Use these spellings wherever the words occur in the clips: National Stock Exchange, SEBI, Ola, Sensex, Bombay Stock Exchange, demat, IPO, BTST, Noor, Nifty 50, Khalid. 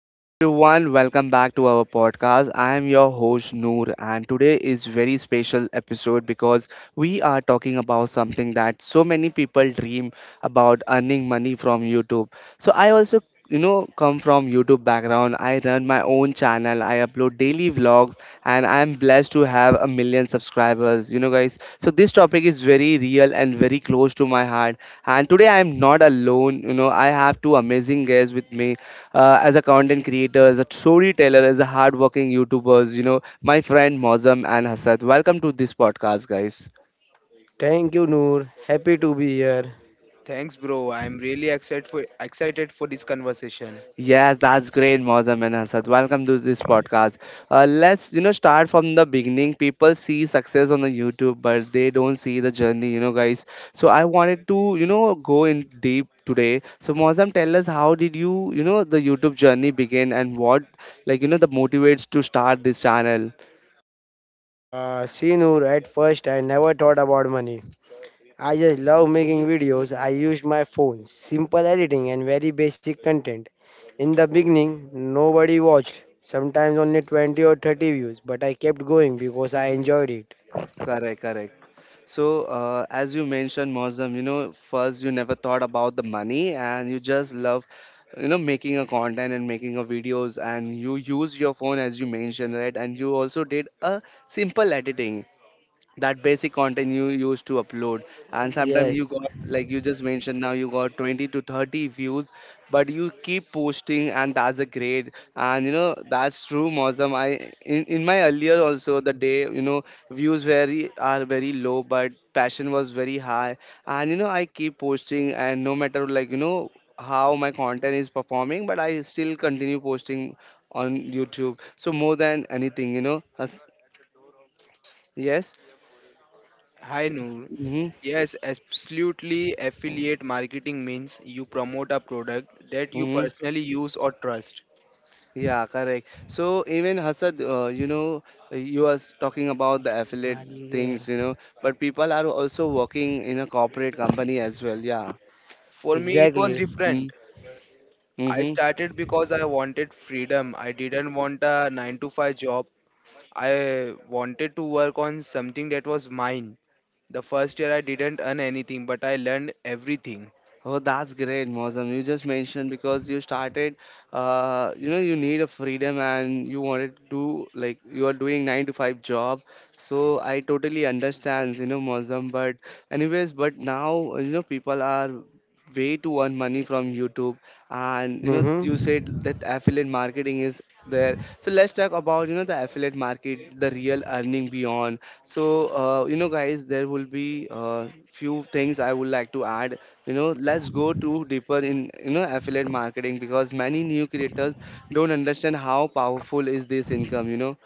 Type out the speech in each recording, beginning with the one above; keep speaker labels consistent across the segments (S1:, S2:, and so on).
S1: Hello everyone, welcome back to our podcast. I am your host Noor and today is very special episode because we are talking about something that so many people dream about: earning money from YouTube. So I also come from YouTube background. I run my own channel. I upload daily vlogs and I am blessed to have a million subscribers, you know, guys. So this topic is very real and very close to my heart. And today I am not alone. You know, I have two amazing guests with me as a content creator, as a storyteller, as a hardworking YouTubers, you know, my friend Mozam and Hasad. Welcome to this podcast, guys.
S2: Thank you, Noor. Happy to be here.
S3: Thanks, bro. I'm really excited for this conversation.
S1: Yes, that's great, Mozam and Hasad. Welcome to this podcast. Let's, you know, start from the beginning. People see success on the YouTube, but they don't see the journey, you know, guys. So I wanted to, you know, go in deep today. So Mozam, tell us how did you, you know, the YouTube journey begin and what, like, you know, the motivates to start this channel.
S2: See, Noor, at first I never thought about money. I just love
S1: hmm
S2: making videos.
S1: hmm
S2: I used my phone, simple editing, and very basic content. In the beginning, nobody watched, sometimes only 20 or 30 views, but I kept going because
S1: hmm
S2: I enjoyed it.
S1: Correct, correct. So, as you mentioned, Mozam, you know, first you never thought about the money and you just love, you know, making a content and making a videos and you use your phone as you mentioned, right? And you also did a simple editing, that basic content you used to upload, and sometimes you
S2: Yes,
S1: got, like you just mentioned now, you got 20 to 30 views, but you keep posting, and that's a great. And you know that's true, Mozam. I, in my earlier also the day, you know, views very are very low but passion was very high, and you know I keep posting, and no matter, like you know, how my content is performing, but I still continue posting on YouTube. So more than anything, you know, as- yes.
S3: Hi, Noor.
S1: mm-hmm.
S3: Yes, absolutely. Affiliate marketing means you promote a product that you
S1: Mm-hmm.
S3: personally use or trust.
S1: Yeah, correct. So even Hasad, you know, you are talking about the affiliate
S2: money, yeah,
S1: things, you know, but people are also working in a corporate company as well. Yeah.
S3: For me, it was
S2: exactly.
S3: different. I
S1: Mm-hmm.
S3: started because I wanted freedom. I didn't want a 9-to-5 job. I wanted to work on something that was mine. The first year I didn't earn anything, but I learned everything.
S1: Oh, that's great, Mozam. You just mentioned because you started, you know, you need a freedom and you wanted to do like you are doing nine to five job. So I totally understand, you know, Mozam. But anyways, but now you know people are way to earn money from YouTube, and you know you
S2: Mm-hmm.
S1: said that affiliate marketing is there. So let's talk about you know the affiliate market, the real earning beyond. So you know, guys, there will be few things I would like to add. You know, let's go to deeper in, you know, affiliate marketing, because many new creators don't understand how powerful is this income, you know.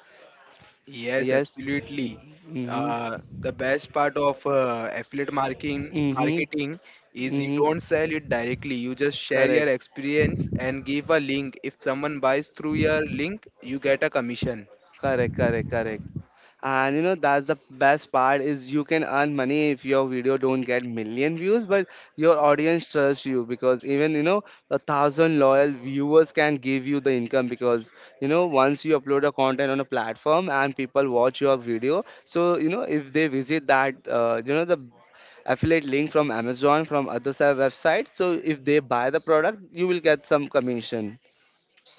S3: Yes,
S1: yes
S3: absolutely.
S1: mm-hmm.
S3: The best part of affiliate marketing
S1: Mm-hmm.
S3: marketing is you
S1: Mm-hmm.
S3: don't sell it directly. You just share your
S1: correct
S3: experience and give a link. If someone buys through your link, you get a commission.
S1: correct. And you know that's the best part is you can earn money if your video don't get million views, but your audience trusts you, because even you know a thousand loyal viewers can give you the income. Because you know, once you upload a content on a platform and people watch your video, so you know, if they visit that you know, the affiliate link from Amazon from other side website, so if they buy the product, you will get some commission.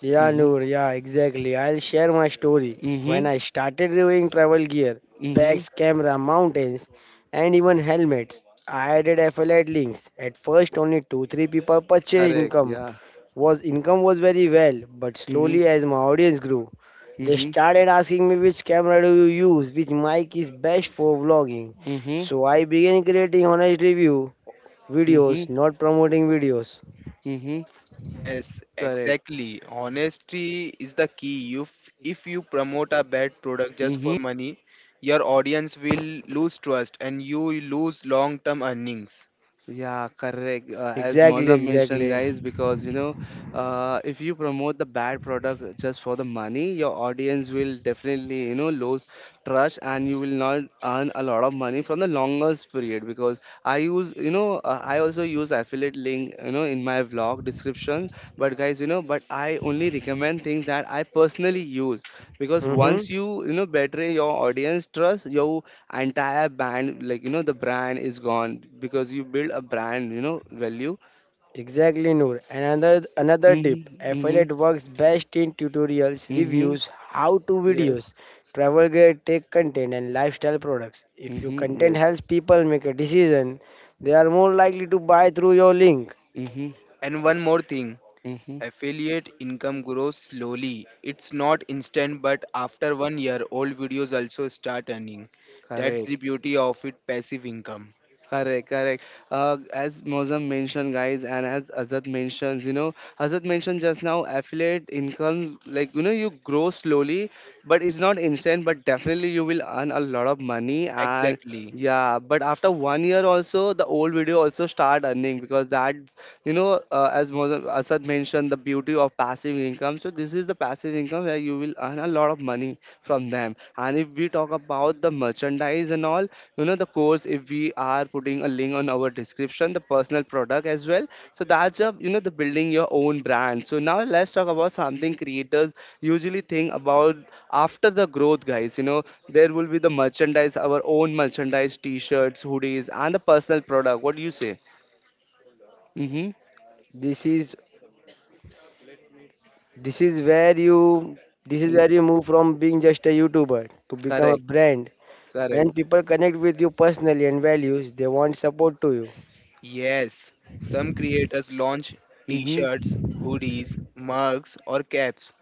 S2: Yeah,
S1: Mm-hmm.
S2: Noor, yeah, exactly. I'll share my story. When
S1: Mm-hmm.
S2: I started reviewing travel gear,
S1: Mm-hmm.
S2: bags, camera, mountains, and even helmets, I added affiliate links. At first, only two, three people purchased
S1: Correct.
S2: income.
S1: Yeah.
S2: Was income was very well, but
S1: Mm-hmm.
S2: slowly as my audience grew, they
S1: Mm-hmm.
S2: started asking me which camera do you use, which mic is best for vlogging.
S1: Mm-hmm.
S2: So I began creating honest review
S1: Mm-hmm.
S2: videos, not promoting videos.
S1: Mm-hmm.
S3: Yes,
S1: Correct.
S3: exactly. Honesty is the key. If you promote a bad product just for
S1: Mm-hmm.
S3: money, your audience will lose trust and you will lose long-term earnings.
S1: Yeah, correct. As
S2: Exactly,
S1: Moza mentioned,
S2: exactly.
S1: guys, because you know, if you promote the bad product just for the money, your audience will definitely you know lose trust, and you will not earn a lot of money from the longest period. Because I use you know I also use affiliate link, you know, in my vlog description, but guys you know, but I only recommend things that I personally use, because once
S2: Mm-hmm.
S1: you you know betray your audience trust, your entire band, like you know, the brand is gone, because you build a brand, you know, value.
S2: Exactly, Noor. Another tip:
S1: Mm-hmm, mm-hmm,
S2: affiliate works best in tutorials,
S1: mm-hmm,
S2: reviews, how-to videos,
S1: yes
S2: travel guide, tech content, and lifestyle products. If your
S1: mm-hmm,
S2: content
S1: yes
S2: helps people make a decision, they are more likely to buy through your link.
S1: mm-hmm,
S3: And one more thing,
S1: mm-hmm,
S3: affiliate income grows slowly. It's not instant, but after one year, old videos also start earning. That's the
S1: correct
S3: beauty of it passive income.
S1: Correct, correct. As Mozam mentioned, guys, and as Azad mentions, you know, Azad mentioned just now, affiliate income, like, you know, you grow slowly, but it's not instant, but definitely you will earn a lot of money. And
S3: Exactly.
S1: yeah, but after 1 year also, the old video also start earning because that's, you know, as Mozam, Azad mentioned, the beauty of passive income. So this is the passive income where you will earn a lot of money from them. And if we talk about the merchandise and all, you know the course, if we are putting a link on our description, the personal product as well. So that's a, you know, the building your own brand. So now let's talk about something creators usually think about after the growth, guys. You know, there will be the merchandise, our own merchandise, t-shirts, hoodies, and the personal product. What do you say? Mm-hmm.
S2: This is this is where you this is where you move from being just a YouTuber to become a
S1: Correct.
S2: brand.
S1: Correct.
S2: When people connect with you personally and values, they want support to you.
S3: Yes, some creators launch t
S1: Mm-hmm.
S3: shirts, hoodies, mugs, or caps.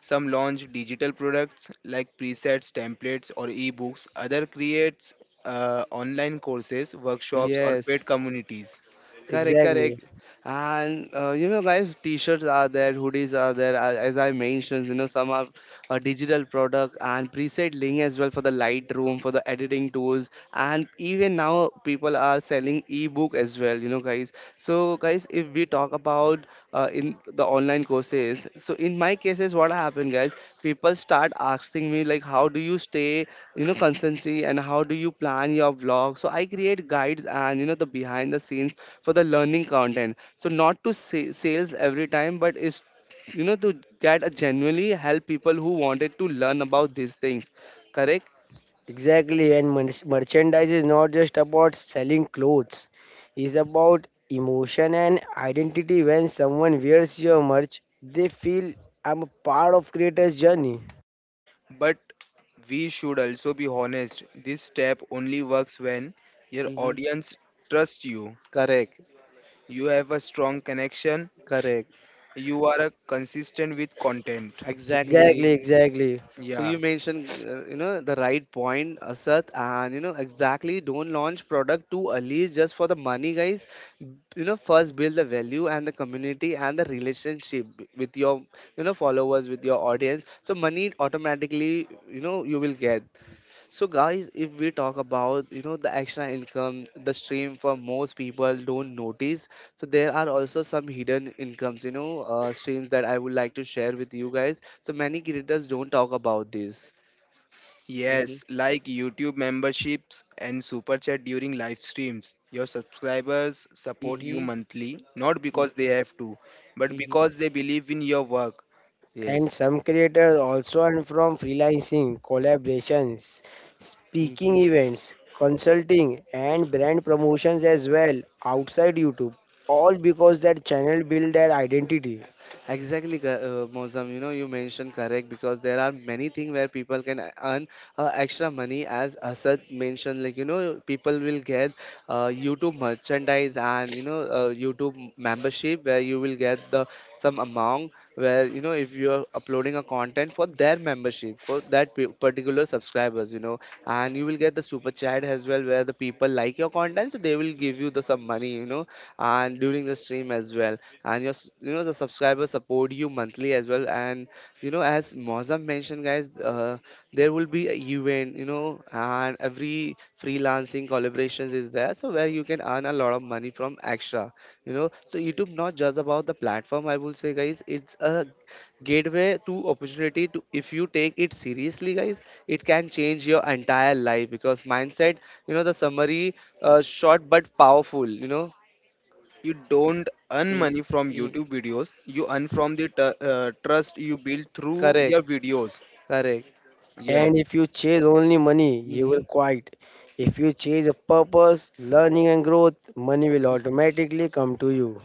S3: Some launch digital products like presets, templates, or ebooks. Other creates online courses, workshops, or paid
S1: Yes.
S3: communities.
S1: Correct,
S2: Exactly.
S1: correct. And you know, guys, t-shirts are there, hoodies are there. As I mentioned, you know, some are a digital product and preset link as well for the Lightroom, for the editing tools, and even now people are selling ebook as well, you know, guys. So, guys, if we talk about in the online courses. So in my cases, what happened, guys? People start asking me like, how do you stay, you know, constantly, and how do you plan your vlog? So I create guides and you know the behind the scenes for the learning content. So not to say sales every time, but it's you know to get a genuinely help people who wanted to learn about these things. Correct?
S2: Exactly, and merchandise is not just about selling clothes, it's about emotion and identity. When someone wears your merch, they feel I'm a part of creator's journey.
S3: But we should also be honest. This step only works when your
S1: hmm
S3: audience trusts you.
S1: Correct.
S3: You have a strong connection.
S1: Correct.
S3: You are consistent with content.
S1: Exactly.
S2: Exactly, exactly.
S1: So
S3: Yeah.
S1: you mentioned, you know, the right point, Asad, and you know exactly. Don't launch product too early just for the money, guys. You know, first build the value and the community and the relationship with your, you know, followers, with your audience. So money automatically, you know, you will get. So guys, if we talk about you know the extra income, the stream for most people don't notice. So there are also some hidden incomes, you know, streams that I would like to share with you guys. So many creators don't talk about this. Mm-hmm.
S3: Yes, like YouTube memberships and super chat during live streams. Your subscribers support you
S1: Mm-hmm.
S3: monthly, not because they have to, but
S1: Mm-hmm.
S3: because they believe in your work.
S2: And
S1: Yes.
S2: some creators also earn from freelancing, collaborations, speaking
S1: Mhm.
S2: events, consulting, and brand promotions as well outside YouTube, all because that channel build their identity.
S1: Exactly, Mozam. You know, you mentioned correct, because there are many things where people can earn extra money, as Asad mentioned. Like you know, people will get YouTube merchandise and you know YouTube membership where you will get the some amount, where you know, if you are uploading a content for their membership for that particular subscribers, you know. And you will get the super chat as well, where the people like your content, so they will give you the some money, you know. And during the stream as well, and your you know, the subscribers support you monthly as well. And you know, as Mozam mentioned, guys, there will be a event, you know, and every freelancing collaborations is there, so where you can earn a lot of money from extra, you know. So YouTube not just about the platform, I will say, guys, it's a gateway to opportunity to, if you take it seriously, guys, it can change your entire life. Because mindset, you know, the summary, short but powerful, you know.
S3: You don't earn
S1: Mm,
S3: money from
S1: mm,
S3: YouTube videos, you earn from the trust you build through
S1: correct.
S3: your videos.
S1: Correct.
S3: Yes,
S2: And if you chase only money, you
S1: Mm-hmm.
S2: will quit. If you chase a purpose, learning, and growth, money will automatically come to you.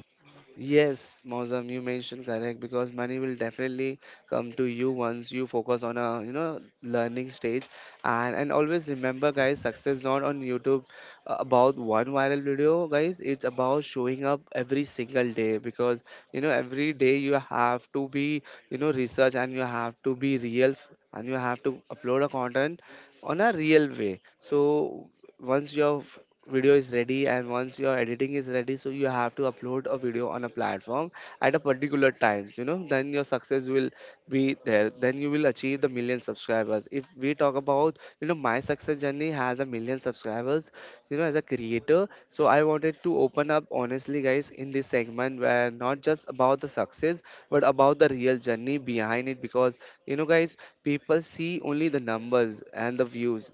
S1: Yes, Mozam, you mentioned correct, because money will definitely come to you once you focus on a you know learning stage. And always remember, guys, success not on YouTube, about one viral video, guys. It's about showing up every single day, because you know every day you have to be you know research and you have to be real and you have to upload a content on a real way. So once your video is ready and once your editing is ready, so you have to upload a video on a platform at a particular time, you know, then your success will be there. Then you will achieve the million subscribers. If we talk about you know my success journey has a million subscribers, you know, as a creator. So I wanted to open up honestly, guys, in this segment, where not just about the success, but about the real journey behind it. Because you know, guys, people see only the numbers and the views,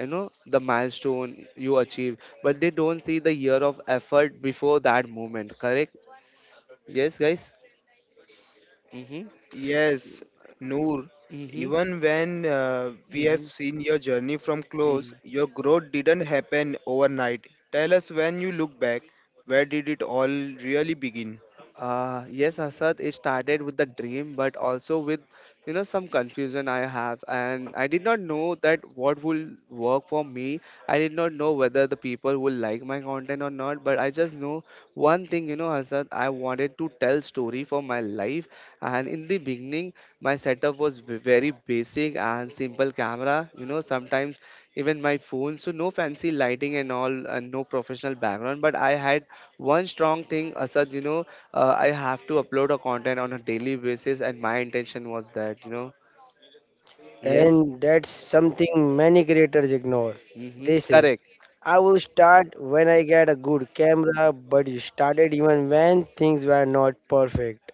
S1: you know, the milestone you achieve, but they don't see the year of effort before that moment. Correct? Yes, guys. mm-hmm.
S3: yes, Noor.
S1: Mm-hmm.
S3: Even when we have
S1: Mm-hmm.
S3: seen your journey from
S1: Mm-hmm.
S3: close, your growth didn't happen overnight. Tell us when you look back, where did it all really begin?
S1: Yes, Asad, it started with the dream, but also with, you know, some confusion I have. And I did not know that what will work for me. I did not know whether the people will like my content or not. But I just know one thing, Asad, I wanted to tell story for my life. And in the beginning, my setup was very basic and simple camera, sometimes even my phone. So no fancy lighting and all, and no professional background. But I had one strong thing, Asad. I have to upload a content on a daily basis, and my intention was that, yes.
S2: And that's something many creators ignore.
S1: Mm-hmm,
S2: They say,
S1: correct.
S2: I will start when I get a good camera, but you started even when things were not perfect.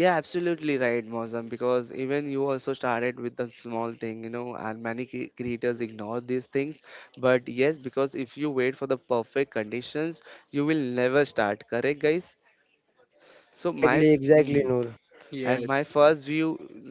S1: Yeah, absolutely right, Mozam, because even you also started with the small thing, and many creators ignore these things, but yes, because if you wait for the perfect conditions, you will never start, correct, guys. So
S2: Exactly, exactly,
S1: Hmm.
S2: Noor.
S1: And my
S3: Yes.
S1: first view,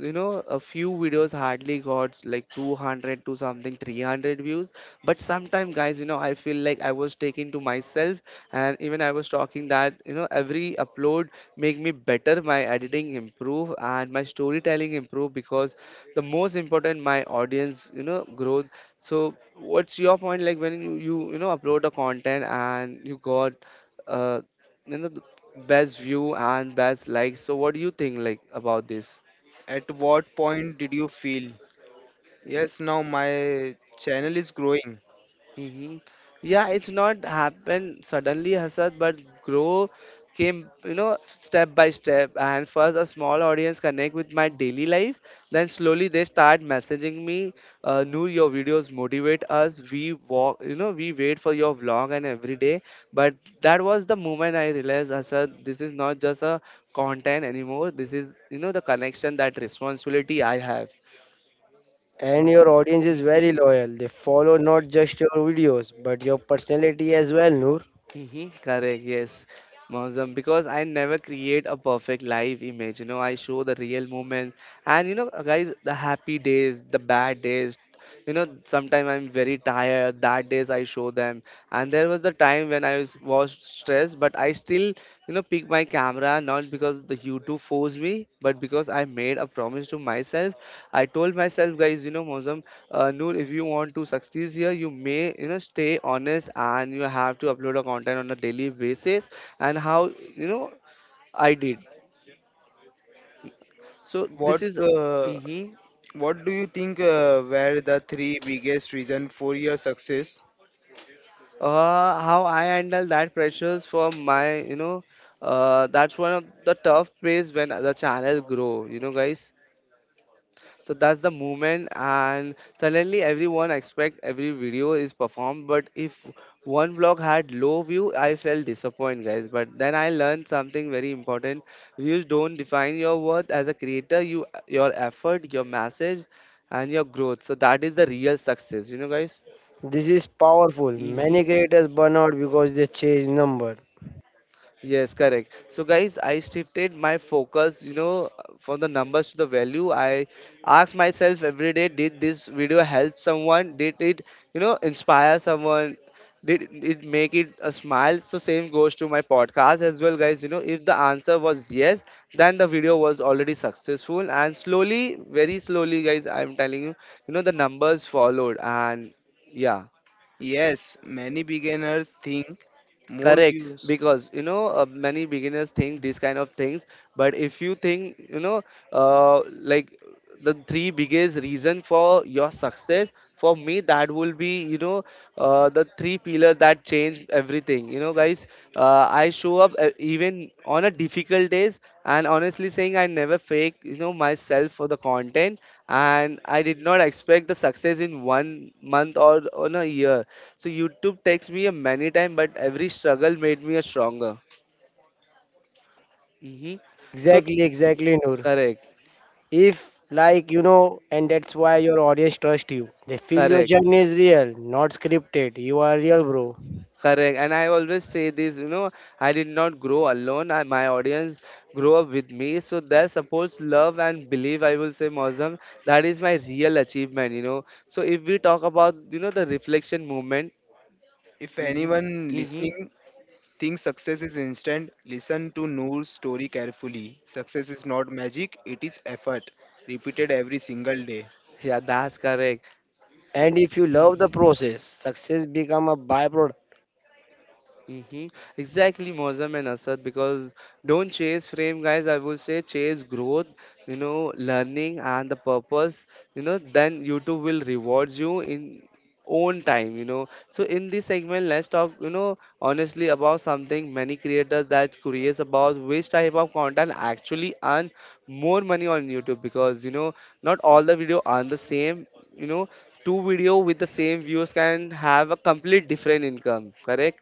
S1: a few videos hardly got like 200 to something 300 views. But sometime, guys, I feel like I was taking to myself. And even I was talking that, every upload make me better, my editing improve and my storytelling improve, because the most important my audience, growth. So what's your point, like, when you know upload a content and you got uh, you know best view and best likes. So what do you think like about this?
S3: At what point did you feel? Yes, now my channel is growing.
S1: Hmm. Yeah, it's not happened suddenly, Hasad, but grow came, step by step. And first a small audience connect with my daily life, then slowly they start messaging me, new your videos motivate us, we walk, we wait for your vlog and every day. But that was the moment I realized, Hasad, this is not just a content anymore. This is, the connection, that responsibility I have.
S2: And your audience is very
S1: Mhm,
S2: loyal. They follow not just your videos, but your personality as well, Noor.
S1: mhm, correct, yes, Mausam, because I never create a perfect life image. I show the real moment, and, guys, the happy days, the bad days. Sometimes I'm very tired. That days I show them, and there was the time when I was stressed, but I still, pick my camera, not because the YouTube forced me, but because I made a promise to myself. I told myself, guys, Mausam. Noor, if you want to succeed here, you may, stay honest, and you have to upload a content on a daily basis. And how, I did. So this
S3: What
S1: is.
S3: uh,
S1: Mhm.
S3: what do you think were the three biggest reason for your success?
S1: How I handle that pressures for my, that's one of the tough phase when the channel grow. You know, guys. So that's the movement, and suddenly everyone expect every video is performed. But if one vlog had low view, I felt disappointed, guys. But then I learned something very important: views don't define your worth as a creator. You, your effort, your message, and your growth. So that is the real success, guys.
S2: This is powerful. Many
S1: Mhm.
S2: creators burn out because they change number.
S1: Yes, correct. So, guys, I shifted my focus, from the numbers to the value. I ask myself every day, did this video help someone? Did it, inspire someone? Did it make it a smile? So, same goes to my podcast as well, guys. If the answer was yes, then the video was already successful. And slowly, very slowly, guys, I'm telling you, the numbers followed. And yeah.
S3: Yes, many beginners think more
S1: Correct,
S3: views.
S1: because, many beginners think these kind of things. But if you think, like, the three biggest reason for your success, for me that will be, the three pillar that change everything. You know, guys. I show up, even on a difficult days, and honestly saying I never fake, myself for the content, and I did not expect the success in 1 month or on a year. So YouTube takes me a many time, but every struggle made me a stronger. Hmm. So
S2: Exactly, exactly, Noor.
S1: correct,
S2: If like you know, and that's why your audience trust you. They feel your
S1: correct,
S2: journey is real, not scripted. You are real, bro.
S1: correct. And I always say this, I did not grow alone. I, my audience grew up with me. So their support, love, and belief, I will say, Mozam, that is my real achievement. So if we talk about, the reflection movement.
S3: If
S1: Hmm.
S3: anyone
S1: Hmm.
S3: listening thinks success is instant, listen to Noor's story carefully. Success is not magic, it is effort, repeated every single day.
S1: Yeah, that's correct.
S2: And if you love the
S1: Mm-hmm.
S2: process, success become a byproduct.
S1: Mm-hmm. Exactly, Mozam and Asad, because don't chase frame, guys. I would say chase growth, learning and the purpose, then YouTube will reward you in own time. So in this segment, let's talk, honestly about something many creators that curious about which type of content actually earn more money on YouTube, because, not all the video earn the same, you know, two video with the same views can have a complete different income, correct?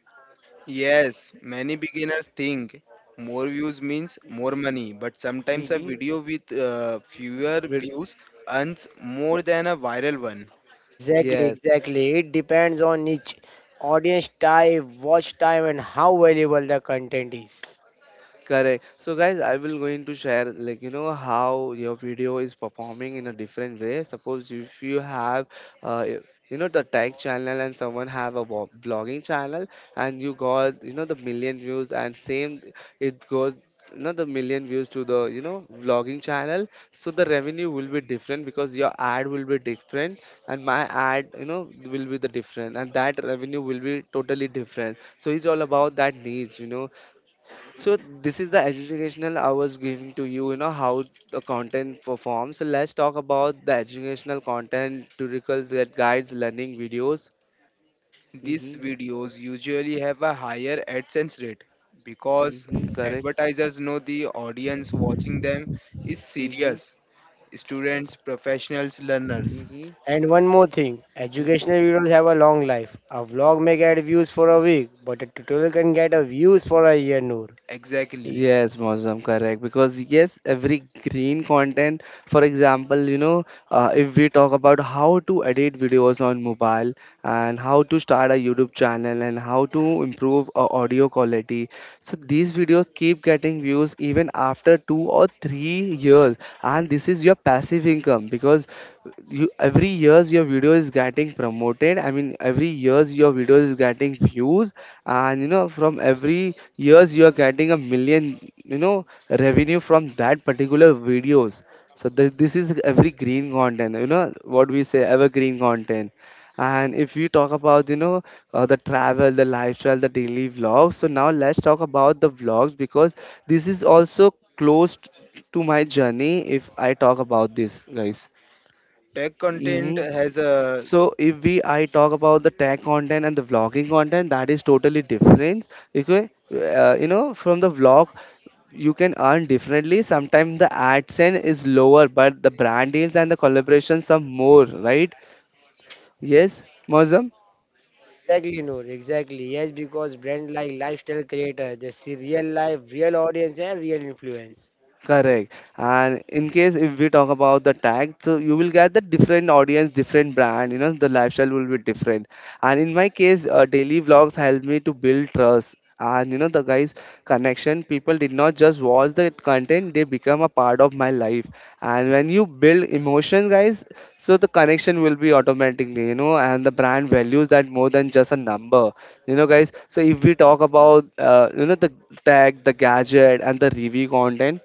S3: Yes, many beginners think more views means more money, but sometimes a video
S1: Hmm.
S3: with fewer views earns more than a viral one.
S2: Exactly,
S1: Yes,
S2: exactly. It depends on each audience type, watch time, and how valuable the content is.
S1: correct. So, guys, I will going to share, like, how your video is performing in a different way. Suppose if you have uh, y- the tech channel, and someone have a vlogging channel, and you got, the million views, and same it goes, the million views to the, vlogging channel. So the revenue will be different, because your ad will be different and my ad, will be the different, and that revenue will be totally different. So it's all about that needs. So this is the educational I was giving to you, how the content performs. So let's talk about the educational content, tutorials that guides learning videos.
S3: These
S1: Mm-hmm.
S3: videos usually have a higher AdSense rate because
S1: Mm-hmm. Correct.
S3: advertisers know the audience watching them is
S1: Mm-hmm.
S3: serious. Students, professionals, learners.
S1: Mm-hmm.
S2: And one more thing, educational
S1: Mm-hmm.
S2: videos have a long life. A vlog may get views for a week, but a tutorial can get a views for a year, Noor.
S3: Exactly.
S1: Yes, Mozam, correct. Because yes, every green content, for example, if we talk about how to edit videos on mobile, and how to start a YouTube channel, and how to improve audio quality, so these videos keep getting views even after 2 or 3 years. And this is your passive income, because you every years your video is getting promoted, I mean every years your video is getting views, and, from every years you are getting a million, you know revenue from that particular videos. So this is every green content, you know what we say, evergreen content. And if we talk about, the travel, the lifestyle, the daily vlogs. So now let's talk about the vlogs, because this is also close to my journey. If I talk about this, guys.
S3: Tech content
S1: Hmm.
S3: has a,
S1: So if we I talk about the tech content and the vlogging content, that is totally different. Okay, from the vlog, you can earn differently. Sometimes the AdSense is lower, but the brand deals and the collaborations are more, right? Yes, Mozam?
S2: Exactly, Noor, exactly. Yes, because brand like lifestyle creator, they see real life, real audience and real influence.
S1: Correct. And in case if we talk about the tag, so you will get the different audience, different brand, the lifestyle will be different. And in my case, daily vlogs help me to build trust. And the guys' connection, people did not just watch the content, they become a part of my life. And when you build emotion, guys, so the connection will be automatically, and the brand values that more than just a number, guys. So if we talk about, the tag, the gadget, and the review content.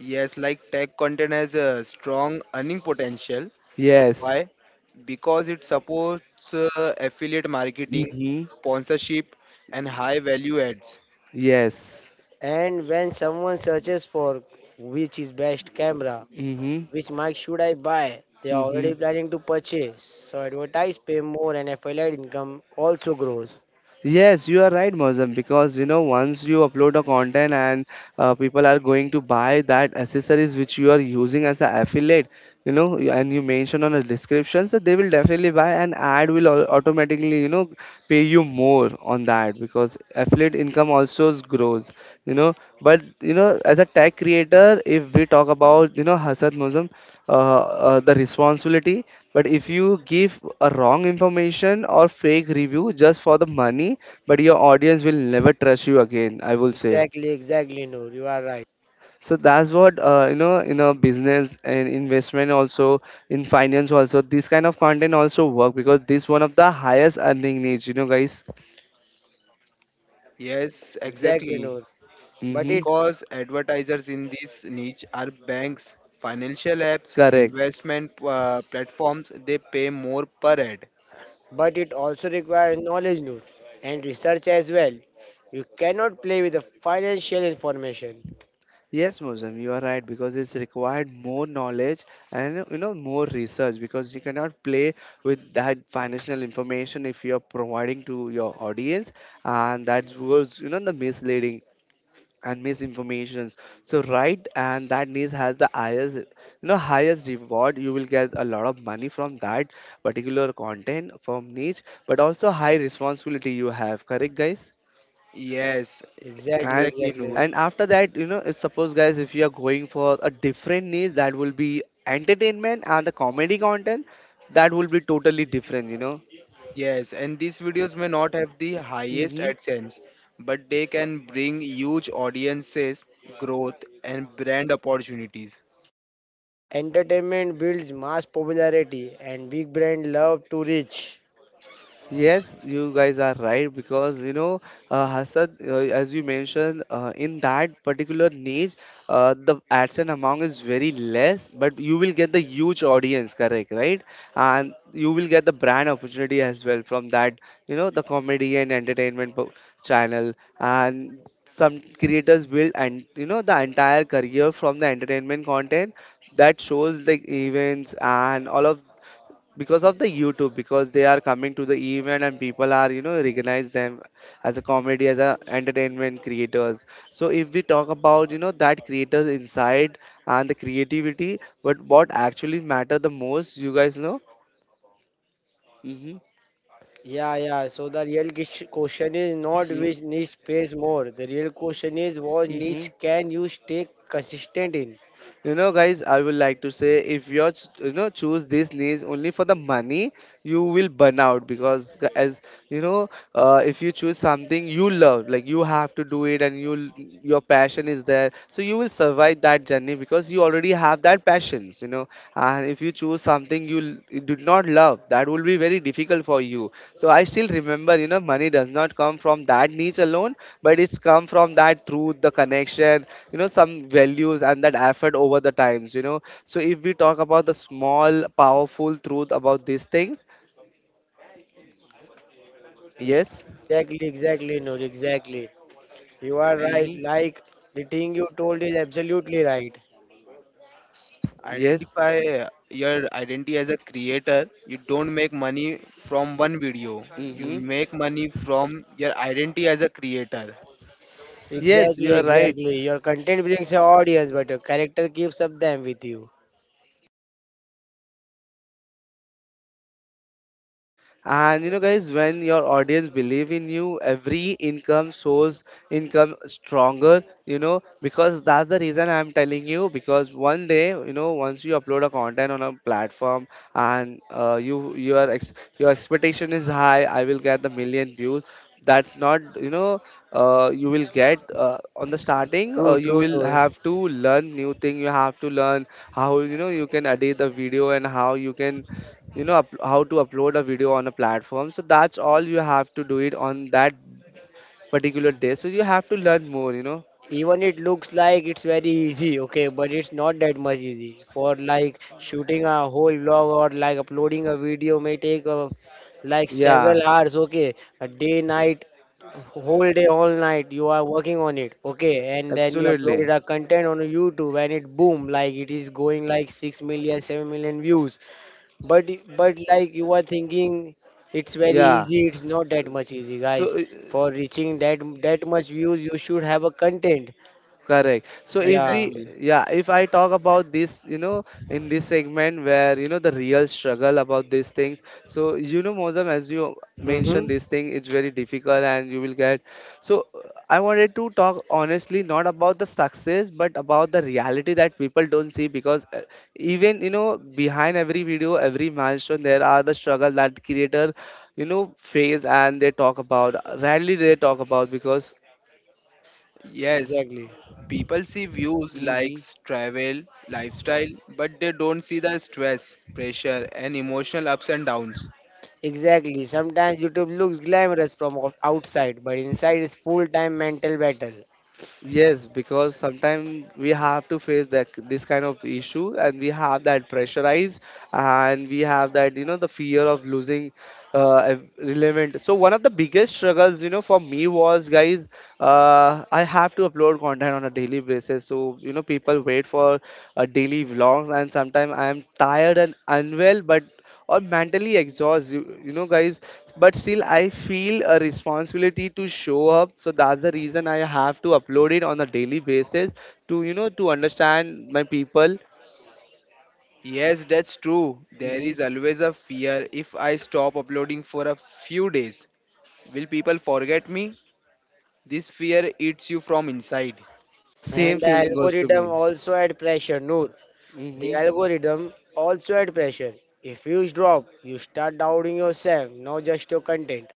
S3: yes, like tech content has a strong earning potential.
S1: Yes.
S3: Why? Because it supports affiliate marketing,
S1: Mm-hmm.
S3: sponsorship, and high value ads.
S1: Yes.
S2: And when someone searches for which is best camera,
S1: Mm-hmm.
S2: which mic should I buy, they are
S1: Mm-hmm.
S2: already planning to purchase. So advertise pay more and affiliate income also grows.
S1: Yes, you are right, Mozam, because, once you upload a content and people are going to buy that accessories which you are using as an affiliate, and you mention on the description, so they will definitely buy, and ad will automatically, pay you more on that, because affiliate income also grows, you know. But, as a tech creator, if we talk about, Hasad Mozam. uh, the responsibility, but if you give a wrong information or fake review just for the money, but your audience will never trust you again, I will say.
S2: Exactly, exactly, Noor. You are right.
S1: So that's what in a business and investment also, in finance also, this kind of content also work, because this one of the highest earning needs, guys.
S3: Yes,
S2: Exactly,
S3: exactly.
S2: Noor. But
S1: Mm-hmm.
S2: it
S3: Because advertisers in this niche are banks, financial apps,
S1: Correct.
S3: investment platforms, they pay more per ad.
S2: but it also requires knowledge, Noor, and research as well. You cannot play with the financial information.
S1: Yes, Mosam, you are right, because it's required more knowledge, and, more research, because you cannot play with that financial information if you are providing to your audience, and that was, the misleading and misinformations. So right, and that news has the highest, highest reward. You will get a lot of money from that particular content from niche, but also high responsibility you have. Correct, guys?
S3: Yes,
S2: Exactly,
S1: and
S3: exactly,
S2: exactly.
S3: Noor.
S1: and after that, if, suppose, guys, if you are going for a different niche, that will be entertainment and the comedy content, that will be totally different.
S3: Yes, and these videos may not have the highest
S1: Mm-hmm.
S3: AdSense, but they can bring huge audiences, growth, and brand opportunities.
S2: Entertainment builds mass popularity, and big brands love to reach.
S1: Yes, you guys are right, because, Hasad, as you mentioned, in that particular niche, the AdSense amount is very less, but you will get the huge audience, correct, right? And you will get the brand opportunity as well from that, you know, the comedy and entertainment channel. And some creators build and you know the entire career from the entertainment content that shows like events and all of because of the youtube because they are coming to the event and people are you know recognize them as a comedy as a entertainment creators. So if we talk about you know that creators inside and the creativity, but what actually matter the most you guys know. Mm-hmm.
S2: Yeah, yeah. So the real question is not which niche pays more. The real question is what
S1: Mm-hmm.
S2: niche can you stay consistent in?
S1: You know, guys, I would like to say if you're you know choose this niche only for the money, you will burn out because as you know, if you choose something you love, like you have to do it and your passion is there, so you will survive that journey because you already have that passions, you know. And if you choose something you did not love, that will be very difficult for you. So I still remember, you know, money does not come from that niche alone, but it's come from that through the connection, you know, some values and that effort over the times, you know. So if we talk about the small, powerful truth about these things,
S2: Yeah,
S1: yes,
S2: exactly, exactly, Noor, exactly. You are
S3: And
S2: right.
S1: mm-hmm,
S2: Like the thing you told is absolutely right.
S1: yes,
S3: identify your identity as a creator. You don't make money from one video. You
S1: mm-hmm,
S3: make money from your identity as a creator.
S1: yes, you
S2: Exactly,
S1: are right.
S2: exactly. Your content brings your audience, but your character keeps up them with you.
S1: And you know, guys, when your audience believe in you, every income shows income stronger, you know, because that's the reason I'm telling you. Because one day, you know, once you upload a content on a platform and you your your expectation is high, I will get the million views. That's not, you know, you will get on the starting.
S2: True,
S1: You
S2: true,
S1: will
S2: true.
S1: have to learn new thing. You have to learn how you know you can edit the video and how you can you know up, how to upload a video on a platform. So that's all you have to do it on that particular day, so you have to learn more you know.
S2: Even it looks like it's very easy, okay, but it's not that much easy. For like shooting a whole vlog or like uploading a video may take like
S1: Yeah,
S2: several hours, okay, a day, night, whole day, all night. You are working on it, okay, and then you
S1: absolutely,
S2: uploaded a content on YouTube and it boom, like it is going like 6 million, 7 million views. But but like you are thinking, it's very
S1: yeah,
S2: easy. It's not that much easy,
S1: so
S2: guys. For reaching that much views, you should have a content.
S1: correct. So if
S2: Yeah.
S1: we,
S3: Exactly.
S1: yeah, if I talk about this, you know, in this segment where, you know, the real struggle about these things. So, you know, Mozam, as you mentioned,
S2: Mm-hmm.
S1: this thing it's very difficult and you will get. So I wanted to talk honestly, not about the success, but about the reality that people don't see because even, you know, behind every video, every milestone, there are the struggle that creator, you know, face and they talk about. Rarely they talk about because.
S3: Yes,
S2: Exactly.
S3: people see views,
S1: Mhm.
S3: likes, travel, lifestyle, but they don't see the stress, pressure, and emotional ups and downs.
S2: Exactly. Sometimes YouTube looks glamorous from outside, but inside is full-time mental battle.
S1: Yes, because sometimes we have to face that this kind of issue, and we have that pressurize, and we have that you know the fear of losing relevant. So one of the biggest struggles, you know, for me was guys, I have to upload content on a daily basis. So you know, people wait for daily vlogs, and sometimes I am tired and unwell, but or mentally exhaust you, you know guys, but still I feel a responsibility to show up. So that's the reason I have to upload it on a daily basis to you know to understand my people.
S3: Yes, that's true. There
S1: Mhm.
S3: is always a fear if I stop uploading for a few days. Will people forget me? This fear eats you from inside.
S1: Same
S2: And the
S1: feeling goes to
S2: algorithm
S1: me.
S2: also add pressure, Noor. The
S1: Hmm.
S2: algorithm also add pressure. If views drop, you start doubting yourself, not just your content.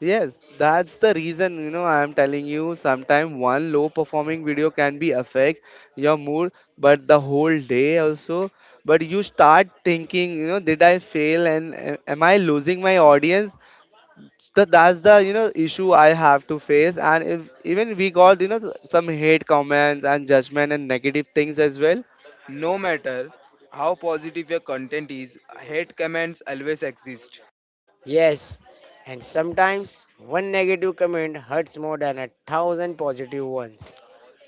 S1: Yes, that's the reason you know I'm telling you sometimes one low performing video can be affect your mood but the whole day also. But you start thinking, you know, did I fail, and am I losing my audience? So that's the you know issue I have to face, and if even we got you know some hate comments and judgment and negative things as well.
S3: No matter how positive your content is, hate comments always exist.
S2: Yes, and sometimes one negative comment hurts more than a thousand positive ones.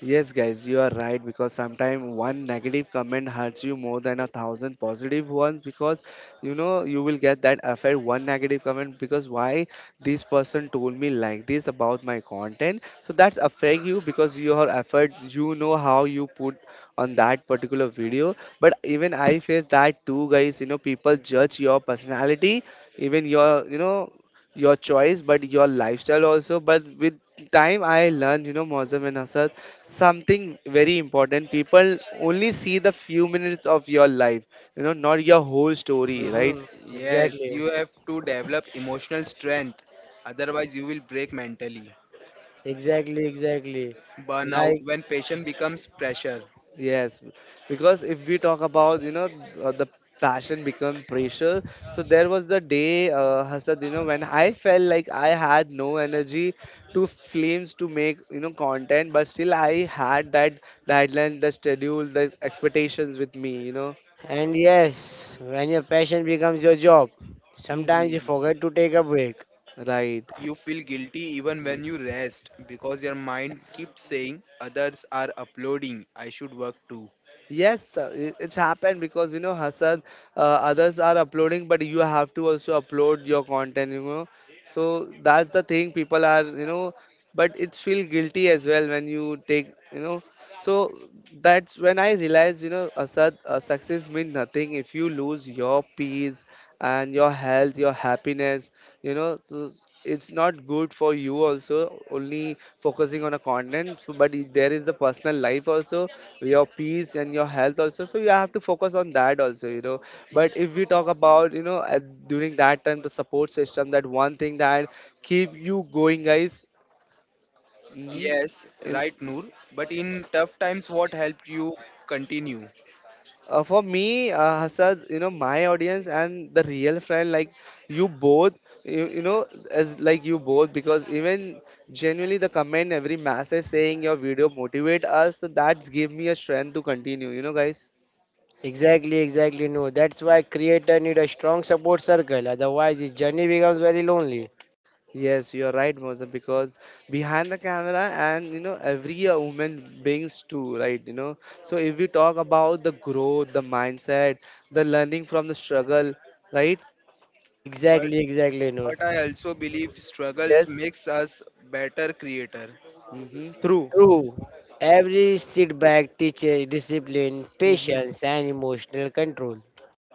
S1: Yes, guys, you are right, because sometimes one negative comment hurts you more than a thousand positive ones, because you know you will get that effect one negative comment, because why this person told me like this about my content, so that's affect you because your effort you know how you put on that particular video. But even I face that too, guys. You know people judge your personality, even your you know your choice but your lifestyle also. But with time I learned, you know, Mozam and Asad, something very important: people only see the few minutes of your life, you know, not your whole story, right?
S2: Mm-hmm.
S3: Yes,
S2: Exactly,
S3: you have to develop emotional strength, otherwise, you will break mentally.
S2: exactly.
S3: Burnout
S2: Like,
S3: when passion becomes pressure.
S1: Yes, because if we talk about you know the passion become pressure, so there was the day Hasad you know when I felt like I had no energy to flames to make you know content, but still I had that deadline, the schedule, the expectations with me you know.
S2: and yes, when your passion becomes your job, sometimes you
S1: Mhm.
S2: forget to take a break.
S1: Right.
S3: You feel guilty even
S1: Mm.
S3: when you rest because your mind keeps saying others are uploading, I should work too.
S1: Yes, it's happened because you know Hassan, others are uploading, but you have to also upload your content. You know, so that's the thing. People are you know, but it's feel guilty as well when you take you know. So that's when I realized, you know, Asad, success means nothing if you lose your peace and your health, your happiness. You know, so it's not good for you also only focusing on a content so, but there is the personal life also, your peace and your health also, so you have to focus on that also you know. But if we talk about you know at, during that time the support system, that one thing that keep you going guys.
S3: Yes,
S1: Mm-hmm.
S3: right, Noor. But in tough times, what helped you continue?
S1: For me, Hassan, you know, my audience and the real friend, like you both, you know, as like you both, because even genuinely the comment, every message saying your video motivate us, so that's give me a strength to continue, you know, guys.
S2: Exactly, exactly. No, that's why creator need a strong support circle. Otherwise, his journey becomes very lonely.
S1: Yes, you're right, Moza, because behind the camera and you know every woman brings too, right? You know, so if we talk about the growth, the mindset, the learning from the struggle, right?
S3: But
S2: Exactly, exactly. No,
S3: but I also believe struggles
S1: Yes.
S3: makes us better creator.
S1: Mm-hmm. True.
S2: true. Every setback teaches discipline,
S1: Mhm.
S2: patience, and emotional control.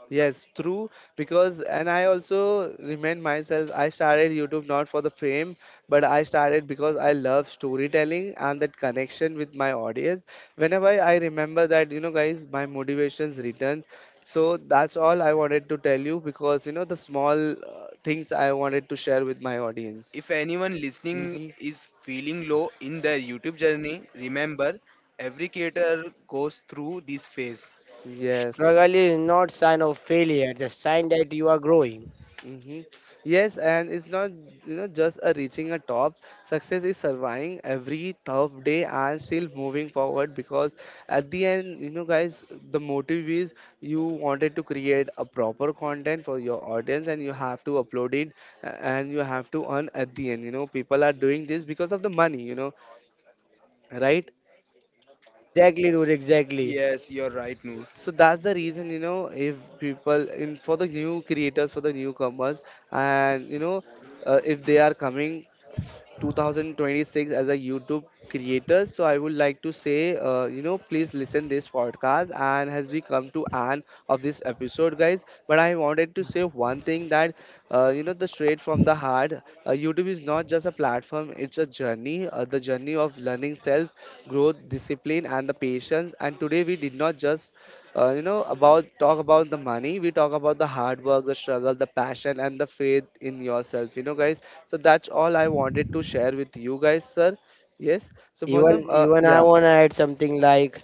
S1: Yes, true. Because, and I also remind myself, I started YouTube not for the fame, but I started because I love storytelling and that connection with my audience. Whenever I remember that, you know, guys, my motivations return. So that's all I wanted to tell you because, you know, the small things I wanted to share with my audience.
S3: If anyone listening
S1: Hmm.
S3: is feeling low in their YouTube journey, remember every creator goes through this phase.
S1: Yes.
S2: Struggle is not sign of failure, it's a sign that you are growing.
S1: Mm-hmm. Yes, and it's not you know just a reaching a top. Success is surviving every tough day and still moving forward because at the end, you know, guys, the motive is you wanted to create a proper content for your audience and you have to upload it, and you have to earn at the end. You know, people are doing this because of the money, you know, right?
S2: Exactly, Noor, exactly.
S3: Yes, you're right, Noor.
S1: So that's the reason, you know, if people in for the new creators, for the newcomers, and you know, if they are coming 2026 as a YouTube creator. So I would like to say, you know, please listen this podcast. And as we come to end of this episode, guys, but I wanted to say one thing that, you know, the straight from the heart, YouTube is not just a platform; it's a journey, the journey of learning self, growth, discipline, and the patience. And today we did not just you know about talk about the money, we talk about the hard work, the struggle, the passion, and the faith in yourself, you know, guys. So that's all I wanted to share with you guys, sir. Yes, so Mosam,
S2: Even even I
S1: yeah,
S2: wanna add something like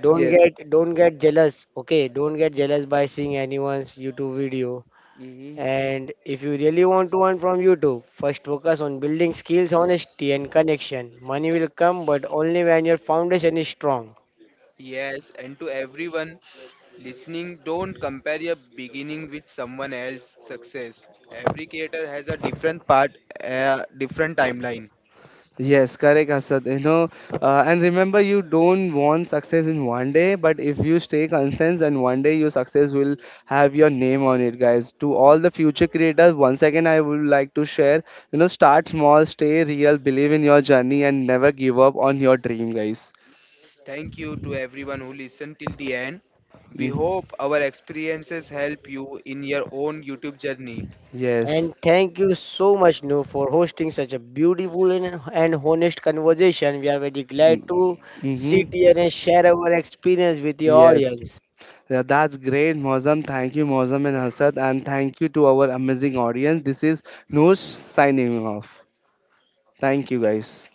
S2: don't
S1: yes.
S2: get don't get jealous. Okay, don't get jealous by seeing anyone's YouTube video.
S1: Mhm.
S2: And if you really want to earn from YouTube, first focus on building skills, honesty and connection. Money will come but only when your foundation is strong.
S3: Yes, and to everyone listening, don't compare your beginning with someone else's success. Every creator has a different part, a different timeline.
S1: Yes, correct, Asad. You know, and remember, you don't want success in one day, but if you stay consistent, and one day your success will have your name on it, guys. To all the future creators, once again, I would like to share, you know, start small, stay real, believe in your journey, and never give up on your dream, guys.
S3: Thank you to everyone who listened till the end. We
S1: Mm.
S3: hope our experiences help you in your own YouTube journey.
S2: And
S1: Yes.
S2: thank you so much, No, for hosting such a beautiful and honest conversation. We are very
S1: Mm.
S2: glad to
S1: Mm-hmm.
S2: sit here and share our experience with the
S1: Yes.
S2: audience.
S1: Yeah, that's great, Mozam. Thank you, Mozam and Asad, and thank you to our amazing audience. This is Noor signing off. Thank you, guys.